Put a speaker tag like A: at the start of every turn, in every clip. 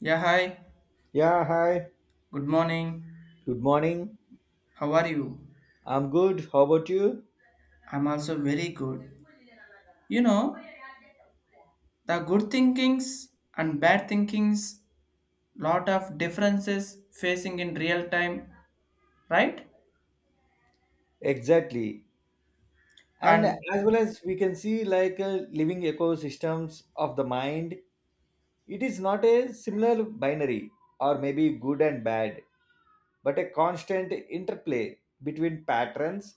A: Yeah, hi.
B: Yeah, hi.
A: Good morning.
B: Good morning.
A: How are you?
B: I'm good. How about you?
A: I'm also very good. You know, the good thinkings and bad thinkings, lot of differences facing in real time, right?
B: Exactly. And
A: And
B: as well as we can see, like living ecosystems of the mind, it is not a similar binary or maybe good and bad, but a constant interplay between patterns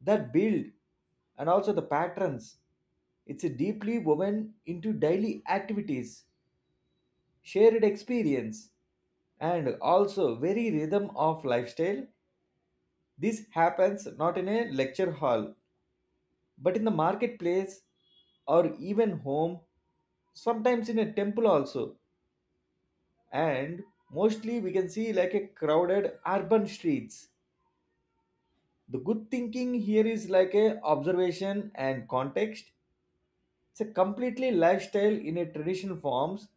B: that build and also the patterns. It's deeply woven into daily activities, shared experience, and also very rhythm of lifestyle. This happens not in a lecture hall, but in the marketplace or even home, sometimes in a temple also. And mostly we can see like a crowded urban streets. The good thinking here is like a observation and context. It's a completely lifestyle in a traditional forms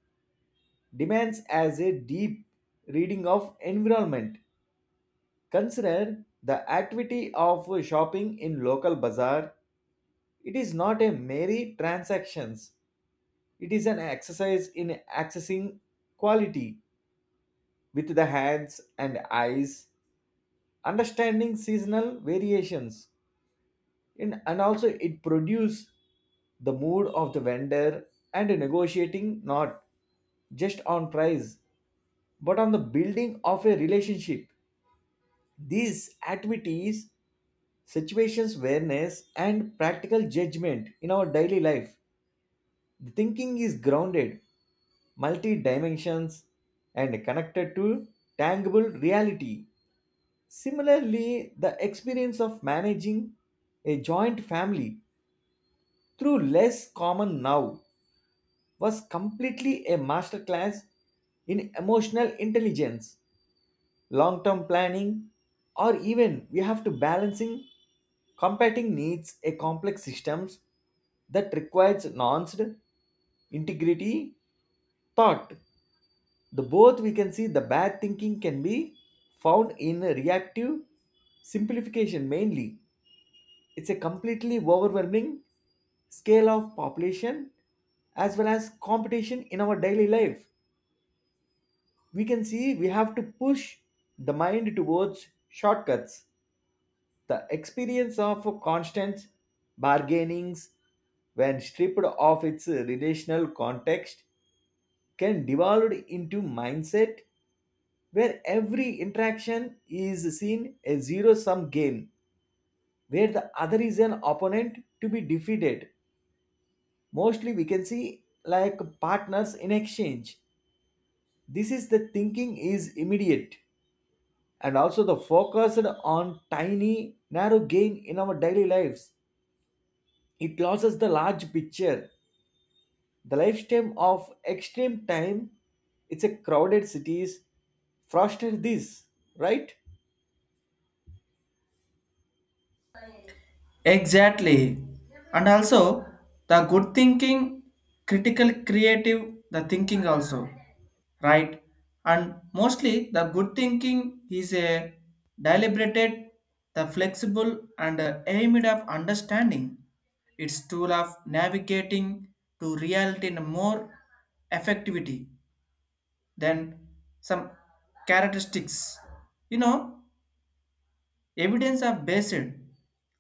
B: demands as a deep reading of environment. Consider the activity of shopping in local bazaar. It is not a merry transactions. It is an exercise in accessing quality with the hands and eyes, understanding seasonal variations, in, and also it produce the mood of the vendor and negotiating not just on price but on the building of a relationship. These activities, situations awareness, and practical judgment in our daily life. The thinking is grounded, multi dimensions, and connected to tangible reality. Similarly, the experience of managing a joint family through less common now was completely a masterclass in emotional intelligence, long-term planning, or even we have to balancing competing needs a complex systems that requires nuanced integrity thought. The both we can see the bad thinking can be found in reactive simplification, mainly it's a completely overwhelming scale of population as well as competition in our daily life. We can see we have to push the mind towards shortcuts. The experience of constant bargainings, when stripped of its relational context, can devolve into mindset where every interaction is seen a zero sum game, where the other is an opponent to be defeated. Mostly we can see like partners in exchange. This is the thinking is immediate and also the focused on tiny narrow gain in our daily lives. It loses the large picture, the lifetime of extreme time. It's a crowded cities foster this, right?
A: Exactly. And also, the good thinking, critical, creative, the thinking also, right? And mostly, the good thinking is a deliberated, the flexible, and aimed of understanding. Its tool of navigating to reality in a more effectivity than some characteristics. You know, Evidence are based,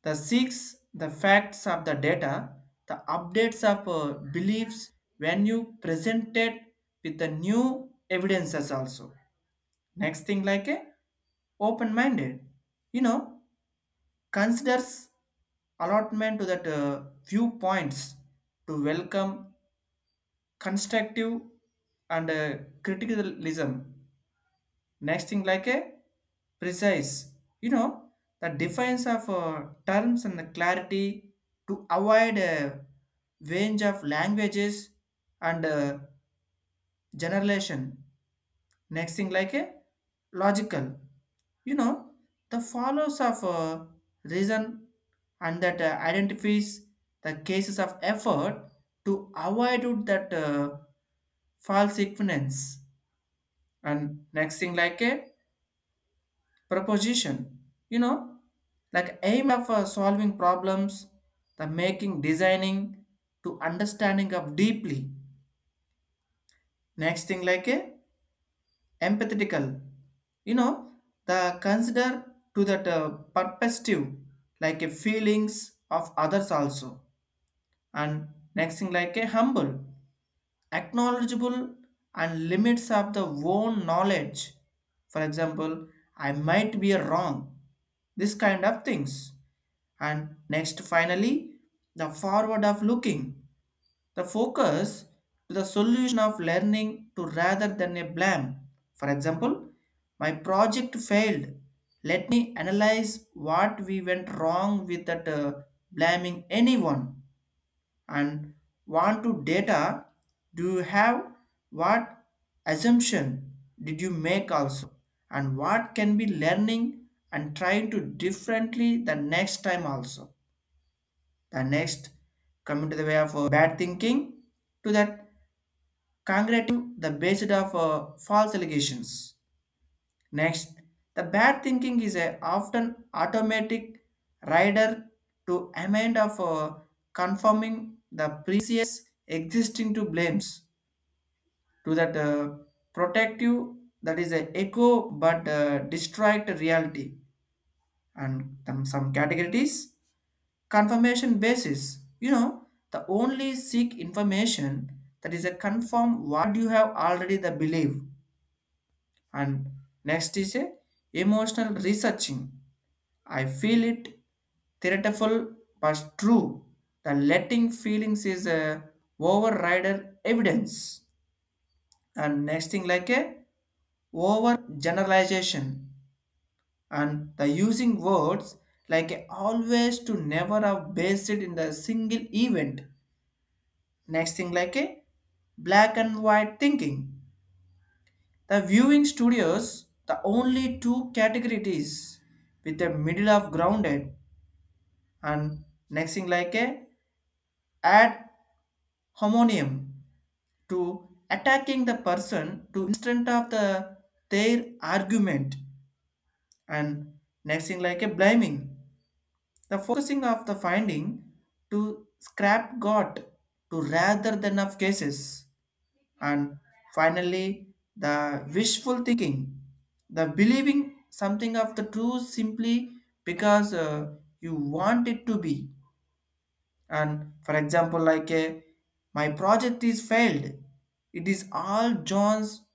A: the facts of the data, the updates of beliefs when you present it with the new evidences also. Next thing like a open-minded, you know, considers allotment to that viewpoints to welcome constructive and criticism. Next thing like a precise, you know, the defense of terms and the clarity to avoid a range of languages and generalization. Next thing like a logical, you know, the follows of reason and that identifies the cases of effort to avoid that false equivalence. And next thing like a proposition, you know, like aim of solving problems, the making designing to understanding of deeply. Next thing like a empathetical, you know, the consider to that perspective, like a feelings of others also. And next thing like a humble, acknowledgeable and limits of the own knowledge. For example, I might be wrong, this kind of things. And next, finally, the forward of looking, the focus to the solution of learning to rather than a blame. For example, my project failed. Let me analyze what we went wrong without blaming anyone, and want to data, do you have what assumption did you make also, and what can be learning and trying to differently the next time also. The next, coming to the way of bad thinking, to that congratulative the basis of false allegations. Next, the bad thinking is a often automatic rider to amend of conforming the previous existing to blames, to that protective that is a echo but distract reality. And some categories, confirmation basis, you know, the only seek information that is a confirm what you have already the belief. And next is a emotional researching, I feel it theatrical but true. The letting feelings is a overrider evidence. And next thing like a over generalization and the using words like a always to never have based it in the single event. Next thing like a black and white thinking. The viewing studios, the only two categories with the middle of grounded. And next thing like a add homonium to attacking the person to instant of the their argument. And next thing like a blaming, the focusing of the finding to scrap got to rather than of cases. And finally, the wishful thinking, the believing something of the true simply because you want it to be. And for example, like a my project is failed, it is all John's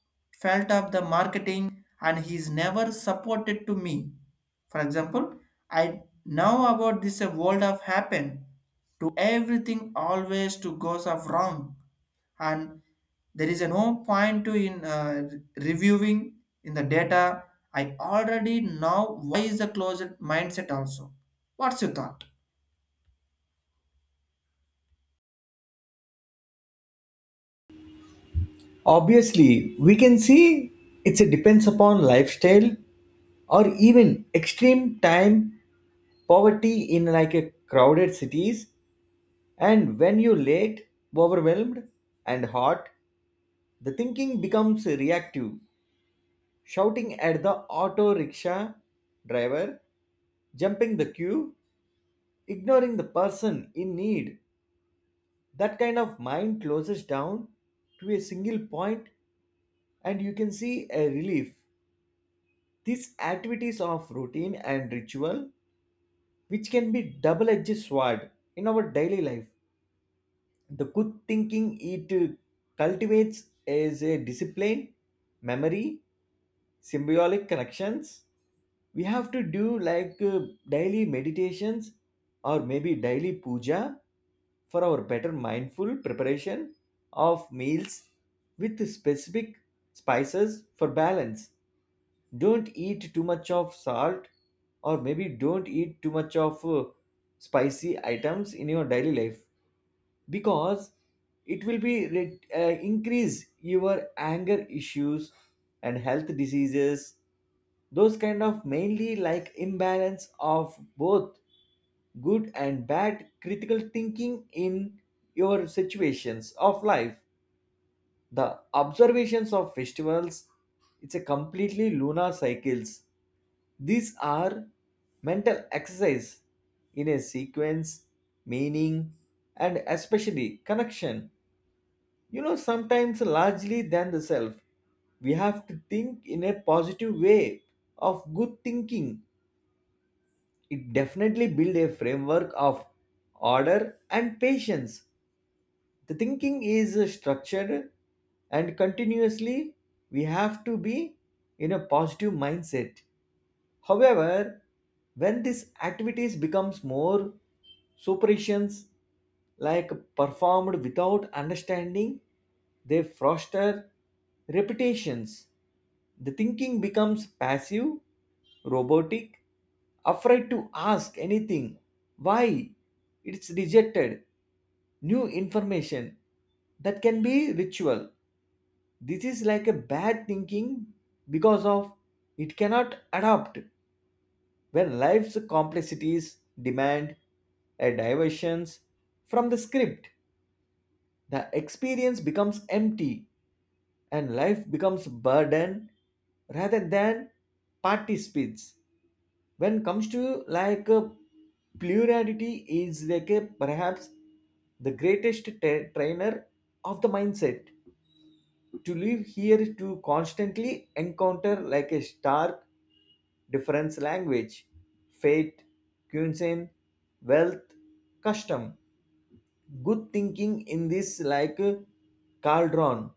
A: felt of the marketing and he's never supported to me. For example, I now about this a world of happen to everything always to goes of wrong. And there is a no point to in reviewing in the data, I already know why is the closed mindset also. What's your thought?
B: Obviously, we can see it's a depends upon lifestyle or even extreme time poverty in like a crowded cities, and when you late, overwhelmed and hot, the thinking becomes reactive, shouting at the auto rickshaw driver, jumping the queue, ignoring the person in need. That kind of mind closes down to a single point and you can see a relief. These activities of routine and ritual, which can be double-edged sword in our daily life. The good thinking it cultivates is a discipline, memory, symbolic connections. We have to do like daily meditations or maybe daily puja for our better mindful preparation of meals with specific spices for balance. Don't eat too much of salt or maybe don't eat too much of spicy items in your daily life, because it will be increase your anger issues and health diseases. Those kind of mainly like imbalance of both good and bad critical thinking in your situations of life. The observations of festivals, it's a completely lunar cycles. These are mental exercise in a sequence, meaning, and especially connection. You know, sometimes largely than the self. We have to think in a positive way of good thinking. It definitely builds a framework of order and patience. The thinking is structured and continuously we have to be in a positive mindset. However, when these activities becomes more superations, like performed without understanding, they foster repetitions. The thinking becomes passive, robotic, afraid to ask anything. Why? It's rejected. New information that can be ritual. This is like a bad thinking because of it cannot adapt where life's complexities demand a diversions from the script. The experience becomes empty and life becomes burden rather than participates. When it comes to like plurality is like a perhaps the greatest trainer of the mindset to live here, to constantly encounter like a stark difference language, fate, cuisine, wealth, custom. Good thinking in this like cauldron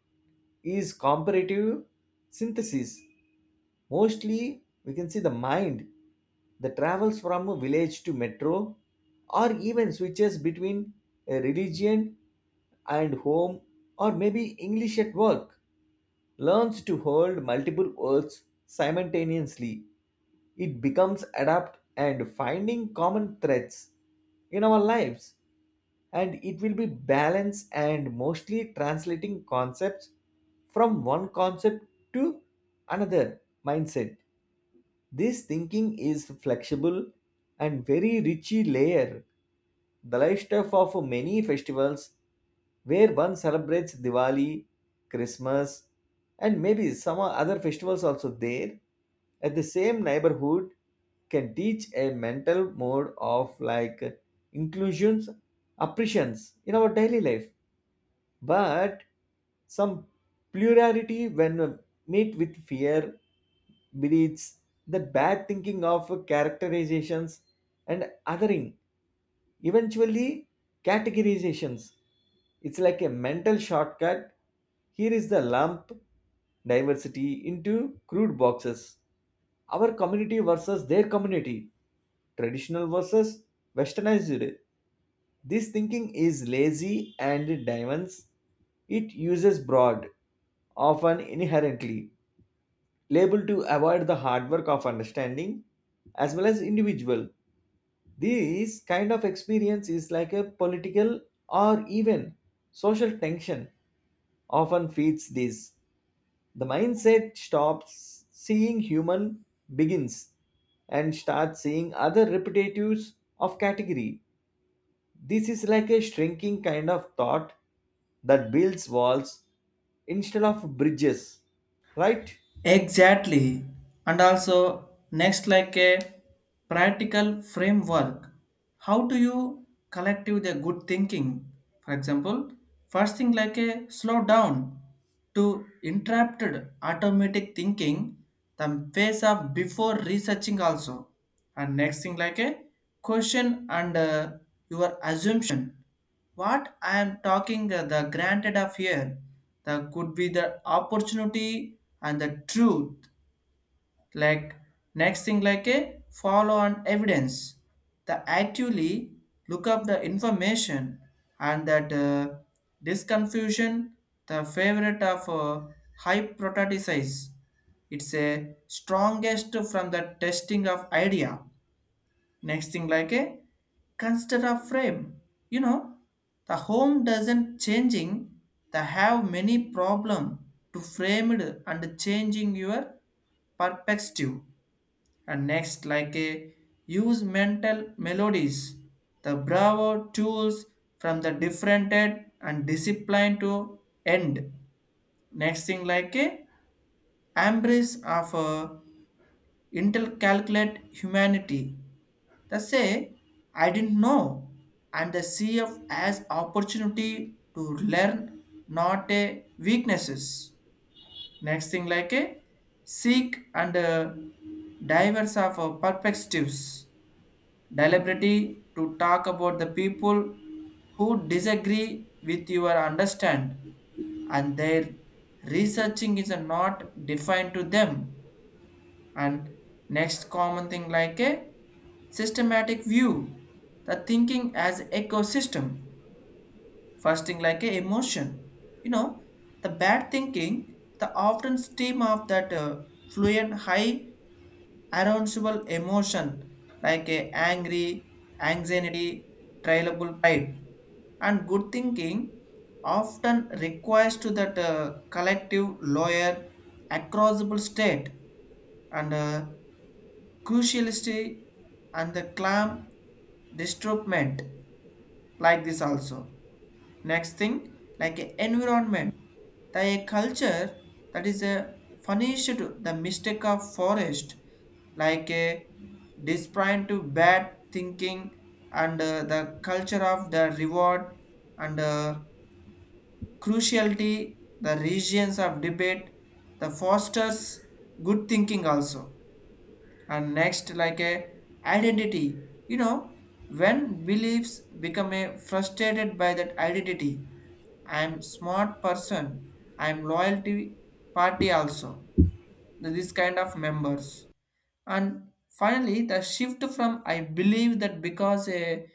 B: is comparative synthesis. Mostly we can see the mind that travels from a village to metro or even switches between a religion and home or maybe English at work learns to hold multiple words simultaneously. It becomes adapt and finding common threads in our lives, and it will be balance and mostly translating concepts from one concept to another mindset. This thinking is flexible and very richy layer. The lifestyle of many festivals where one celebrates Diwali, Christmas, and maybe some other festivals also there at the same neighborhood can teach a mental mode of like inclusions, appreciations in our daily life. But some plurality when meet with fear, beliefs, the bad thinking of characterizations and othering. Eventually, categorizations. It's like a mental shortcut. Here is the lump diversity into crude boxes. Our community versus their community, traditional versus westernized. This thinking is lazy and diamonds. It uses broad, often inherently, label to avoid the hard work of understanding as well as individual. This kind of experience is like a political or even social tension often feeds this. The mindset stops seeing human begins and starts seeing other repetitives of category. This is like a shrinking kind of thought that builds walls instead of bridges, right?
A: Exactly. And also, next, like a practical framework. How do you collective the good thinking? For example, first thing like a slow down to interrupted automatic thinking, the phase of before researching also. And next thing like a question and your assumption, what I am talking, the granted of here, the could be the opportunity and the truth. Like next thing, like a follow on evidence. The actually look up the information and that disconfusion. The favorite of hypothesize. It's a strongest from the testing of idea. Next thing, like a consider a frame. You know, the home doesn't changing. The have many problem to framed and changing your perspective. And next, like a use mental melodies. The bravo tools from the different end and discipline to end. Next thing, like a embrace of a Intel calculate humanity, they say, I didn't know, and they see it as opportunity to learn, not a weaknesses. Next thing like a seek and diverse of perspectives. Deliberately to talk about the people who disagree with your understand and their researching is not defined to them. And next common thing like a systematic view, the thinking as ecosystem, fasting like a emotion, you know, the bad thinking, the often stream of that fluent high arousable emotion, like a angry, anxiety, trialable pride. And good thinking often requires to that collective lawyer acrossable state and cruciality and the clam disturbment like this also. Next thing, like a environment, the culture that is a punished the mistake of forest, like a despite to bad thinking, and the culture of the reward and cruciality, the regions of debate, the fosters good thinking also. And next like a identity, you know, when beliefs become a frustrated by that identity, I'm smart person, I'm loyalty party also, this kind of members. And finally the shift from I believe that because a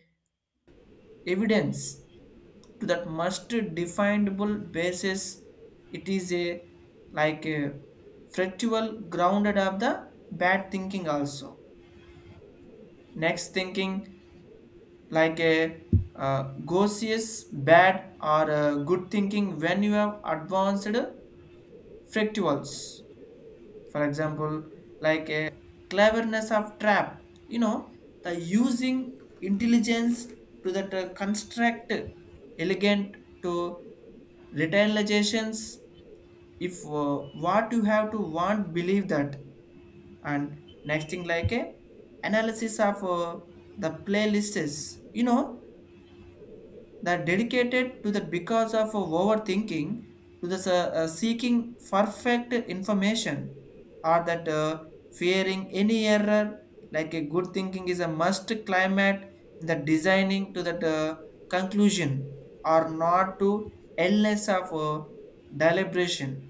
A: evidence to that must definable basis, it is a like a factual grounded of the bad thinking also. Next thinking like a gaseous bad or a good thinking when you have advanced fractals. For example, like a cleverness of trap, you know, the using intelligence to that construct elegant to retaliations if what you have to want believe that. And next thing like a analysis of the playlists, you know, that dedicated to that because of overthinking to the seeking perfect information or that fearing any error, like a good thinking is a must climate in the designing to that conclusion or not to illness of deliberation.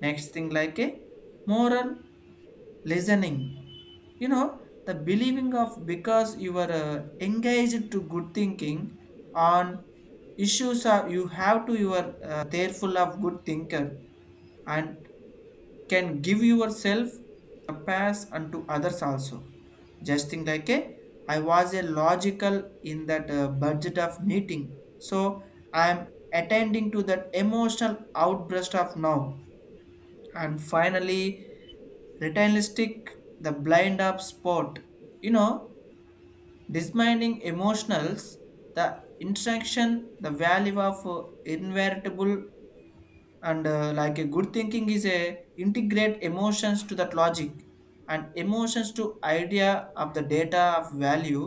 A: Next thing like a moral listening. You know, the believing of because you are engaged to good thinking on issues are you have to you are thereful of good thinker and can give yourself a pass unto others also. Just think like a I was a logical in that budget of meeting. So I am attending to that emotional outburst of now. And finally, retinistic the blind up spot, you know, dismining emotionals the interaction the value of inevitable and like a good thinking is a integrate emotions to that logic and emotions to idea of the data of value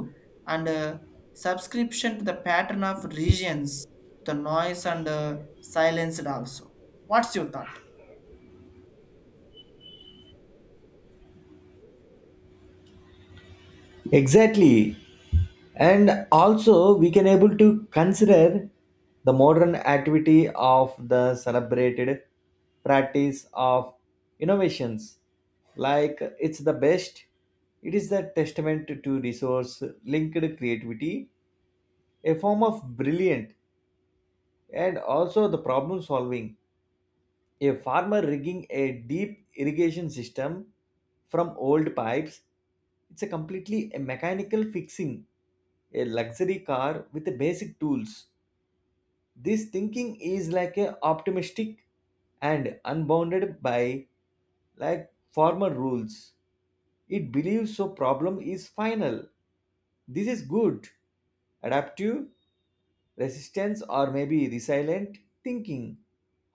A: and subscription to the pattern of regions, the noise and silence also. What's your thought?
B: Exactly. And also we can able to consider the modern activity of the celebrated practice of innovations, like it's the best, it is the testament to resource linked creativity, a form of brilliant and also the problem solving, a farmer rigging a deep irrigation system from old pipes. It's a completely a mechanical fixing a luxury car with the basic tools. This thinking is like a optimistic and unbounded by like former rules. It believes so problem is final. This is good, adaptive resistance or maybe resilient thinking.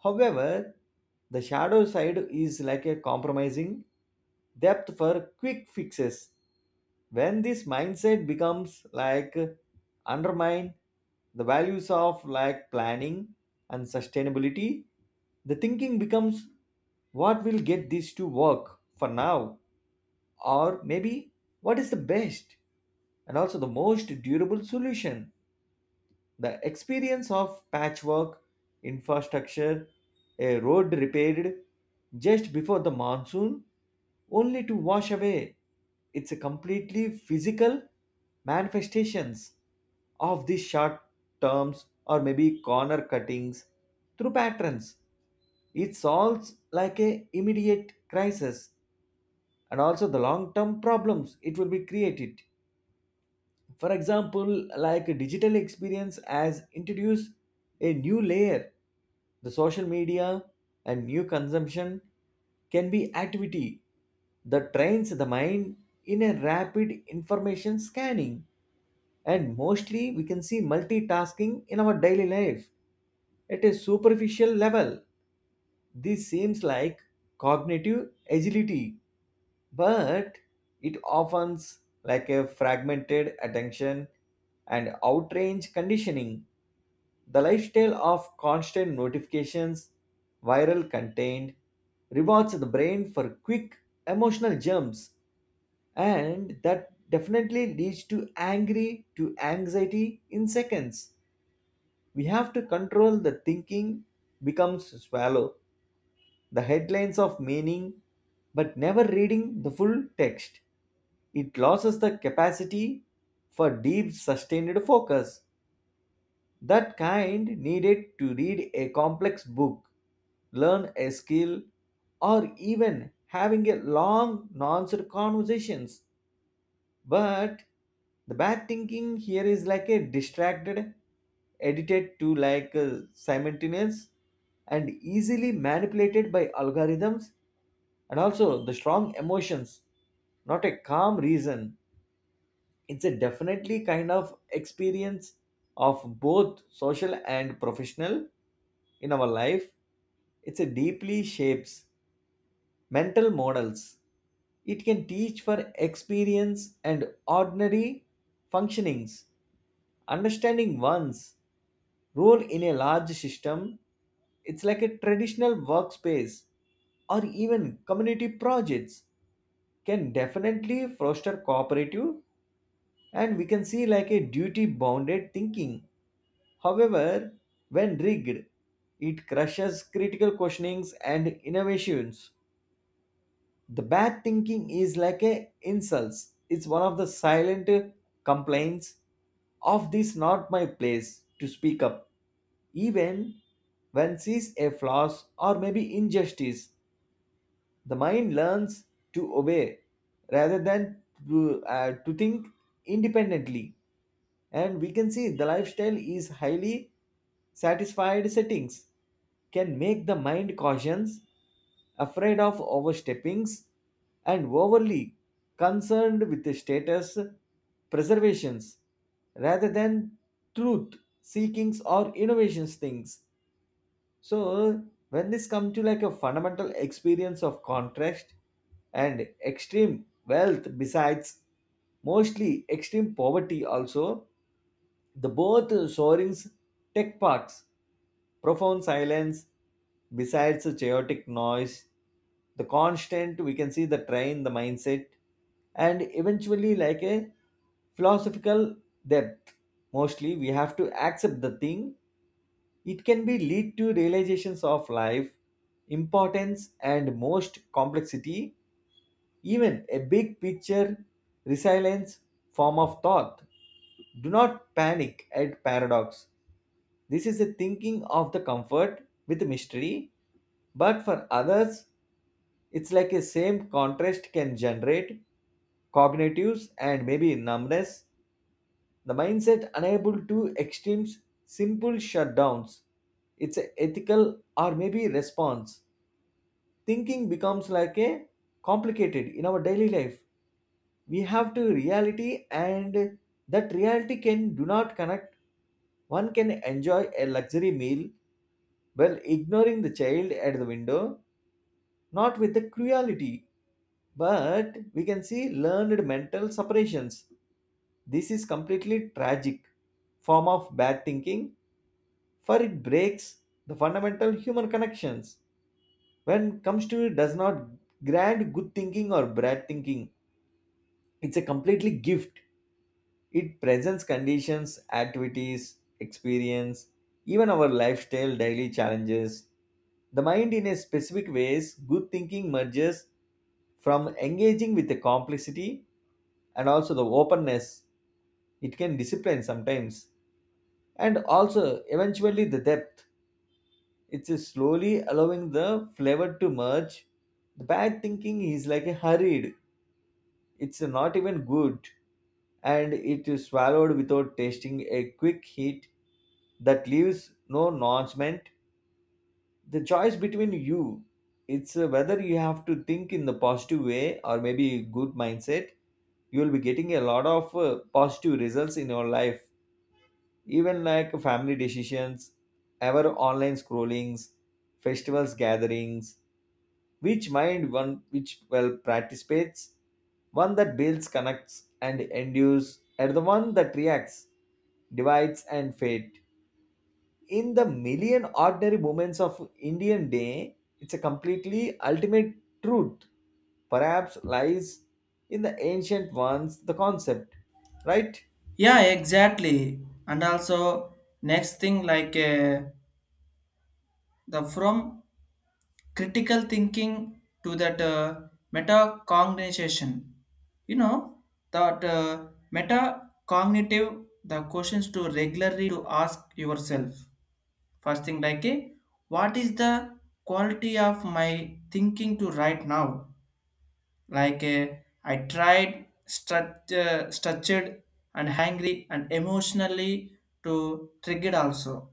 B: However, the shadow side is like a compromising depth for quick fixes. When this mindset becomes like undermine the values of like planning and sustainability, the thinking becomes what will get this to work for now, or maybe what is the best and also the most durable solution. The experience of patchwork infrastructure, a road repaired just before the monsoon, only to wash away. It's a completely physical manifestations of these short terms or maybe corner cuttings through patterns. It solves like a immediate crisis and also the long term problems it will be created. For example, like digital experience has introduced a new layer. The social media and new consumption can be activity that trains the mind in a rapid information scanning and mostly we can see multitasking in our daily life. At a superficial level this seems like cognitive agility, but it often like a fragmented attention and outrange conditioning. The lifestyle of constant notifications, viral content, rewards the brain for quick emotional jumps, and that definitely leads to angry to anxiety in seconds. We have to control the thinking becomes swallow the headlines of meaning but never reading the full text. It loses the capacity for deep, sustained focus. That kind needed to read a complex book, learn a skill, or even having a long, nuanced conversations. But the bad thinking here is like a distracted, edited to like a simultaneous and easily manipulated by algorithms and also the strong emotions, not a calm reason. It's a definitely kind of experience of both social and professional in our life. It's a deeply shapes mental models. It can teach for experience and ordinary functionings, understanding one's role in a large system. It's like a traditional workspace or even community projects can definitely foster cooperative and we can see like a duty bounded thinking. However, when rigged, it crushes critical questionings and innovations. The bad thinking is like a insults. It's one of the silent complaints of this not my place to speak up, even when sees a flaws or maybe injustice. The mind learns to obey rather than to think independently. And we can see the lifestyle is highly satisfied settings can make the mind cautious, afraid of oversteppings, and overly concerned with the status preservations rather than truth seekings or innovations things. So when this comes to like a fundamental experience of contrast and extreme wealth, besides mostly extreme poverty, also the both soarings tech parks, profound silence, besides the chaotic noise, the constant we can see the train, the mindset, and eventually like a philosophical depth. Mostly we have to accept the thing it can be lead to realizations of life, importance and most complexity, even a big picture resilience form of thought. Do not panic at paradox. This is a thinking of the comfort with mystery, but for others, it's like a same contrast can generate cognitives and maybe numbness. The mindset unable to extremes, simple shutdowns. It's a ethical or maybe response. Thinking becomes like a complicated in our daily life. We have to reality and that reality can do not connect. One can enjoy a luxury meal while ignoring the child at the window, not with the cruelty but we can see learned mental separations. This is completely tragic form of bad thinking, for it breaks the fundamental human connections. When comes to it does not grant good thinking or bad thinking. It's a completely gift. It presents conditions, activities, experience, even our lifestyle, daily challenges. The mind in a specific ways, good thinking merges from engaging with the complexity and also the openness. It can discipline sometimes and also eventually the depth. It's just slowly allowing the flavor to merge. The bad thinking is like a hurried. It's not even good, and it is swallowed without tasting a quick hit that leaves no nourishment. The choice between you, it's whether you have to think in the positive way or maybe good mindset. You will be getting a lot of positive results in your life, even like family decisions, ever online scrollings, festivals gatherings, which mind one which well participates, one that builds connects and endures and the one that reacts divides and fate in the million ordinary moments of Indian day. It's a completely ultimate truth perhaps lies in the ancient ones the concept, right?
A: Yeah, exactly. And also next thing like the from critical thinking to that metacognition. You know that metacognitive the questions to regularly to ask yourself. First thing like eh, what is the quality of my thinking to right now? Like I tried structured and hangry and emotionally to trigger also.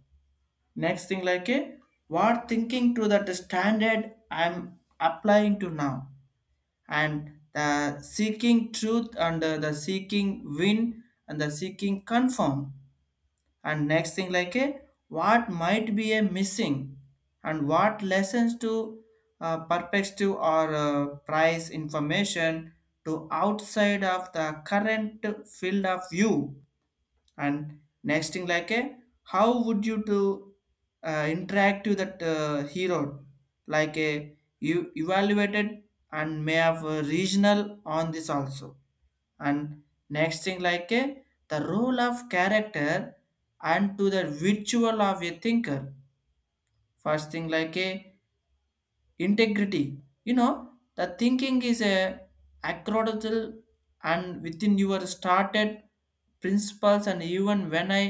A: Next thing like what thinking to that standard I'm applying to now and the seeking truth and the seeking win and the seeking confirm. And next thing like a what might be a missing and what lessons to perspective or price information to outside of the current field of view. And next thing like a how would you to interact with that hero, like a you evaluated and may have a regional on this also. And next thing like a the role of character and to the virtual of a thinker. First thing like a integrity, you know, the thinking is a acrobatal and within your started principles and even when I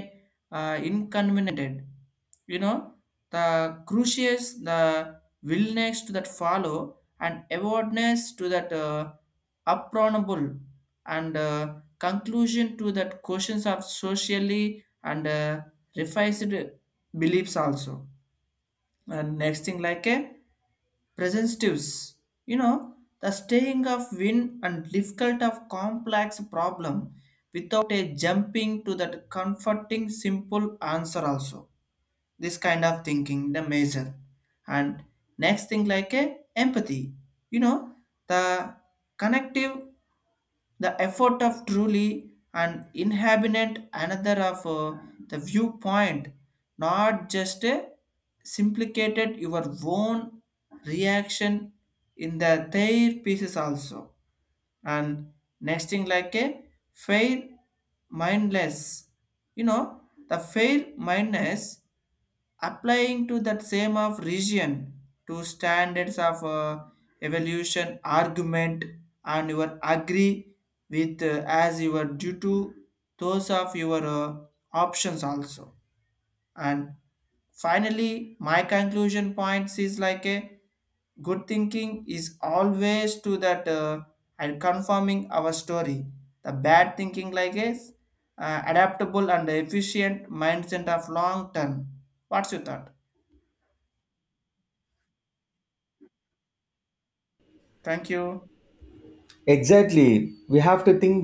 A: inconvenienced, you know, the crucius, the willingness to that follow and awareness to that approachable and conclusion to that questions of socially and revised beliefs also. And next thing like a presentatives, you know, the staying of win and difficult of complex problem without a jumping to that comforting simple answer also, this kind of thinking the measure. And next thing like a empathy, you know, the connective, the effort of truly an inhabitant another of the viewpoint, not just simplicated your own reaction in the their pieces also. And next thing like a fail mindless, you know, the fail mindless applying to that same of region to standards of evolution argument and you are agree with as you are due to those of your options also. And finally my conclusion points is like a good thinking is always to that and confirming our story, the bad thinking like is adaptable and efficient mindset of long term. What's your thought? Thank you.
B: Exactly, we have to think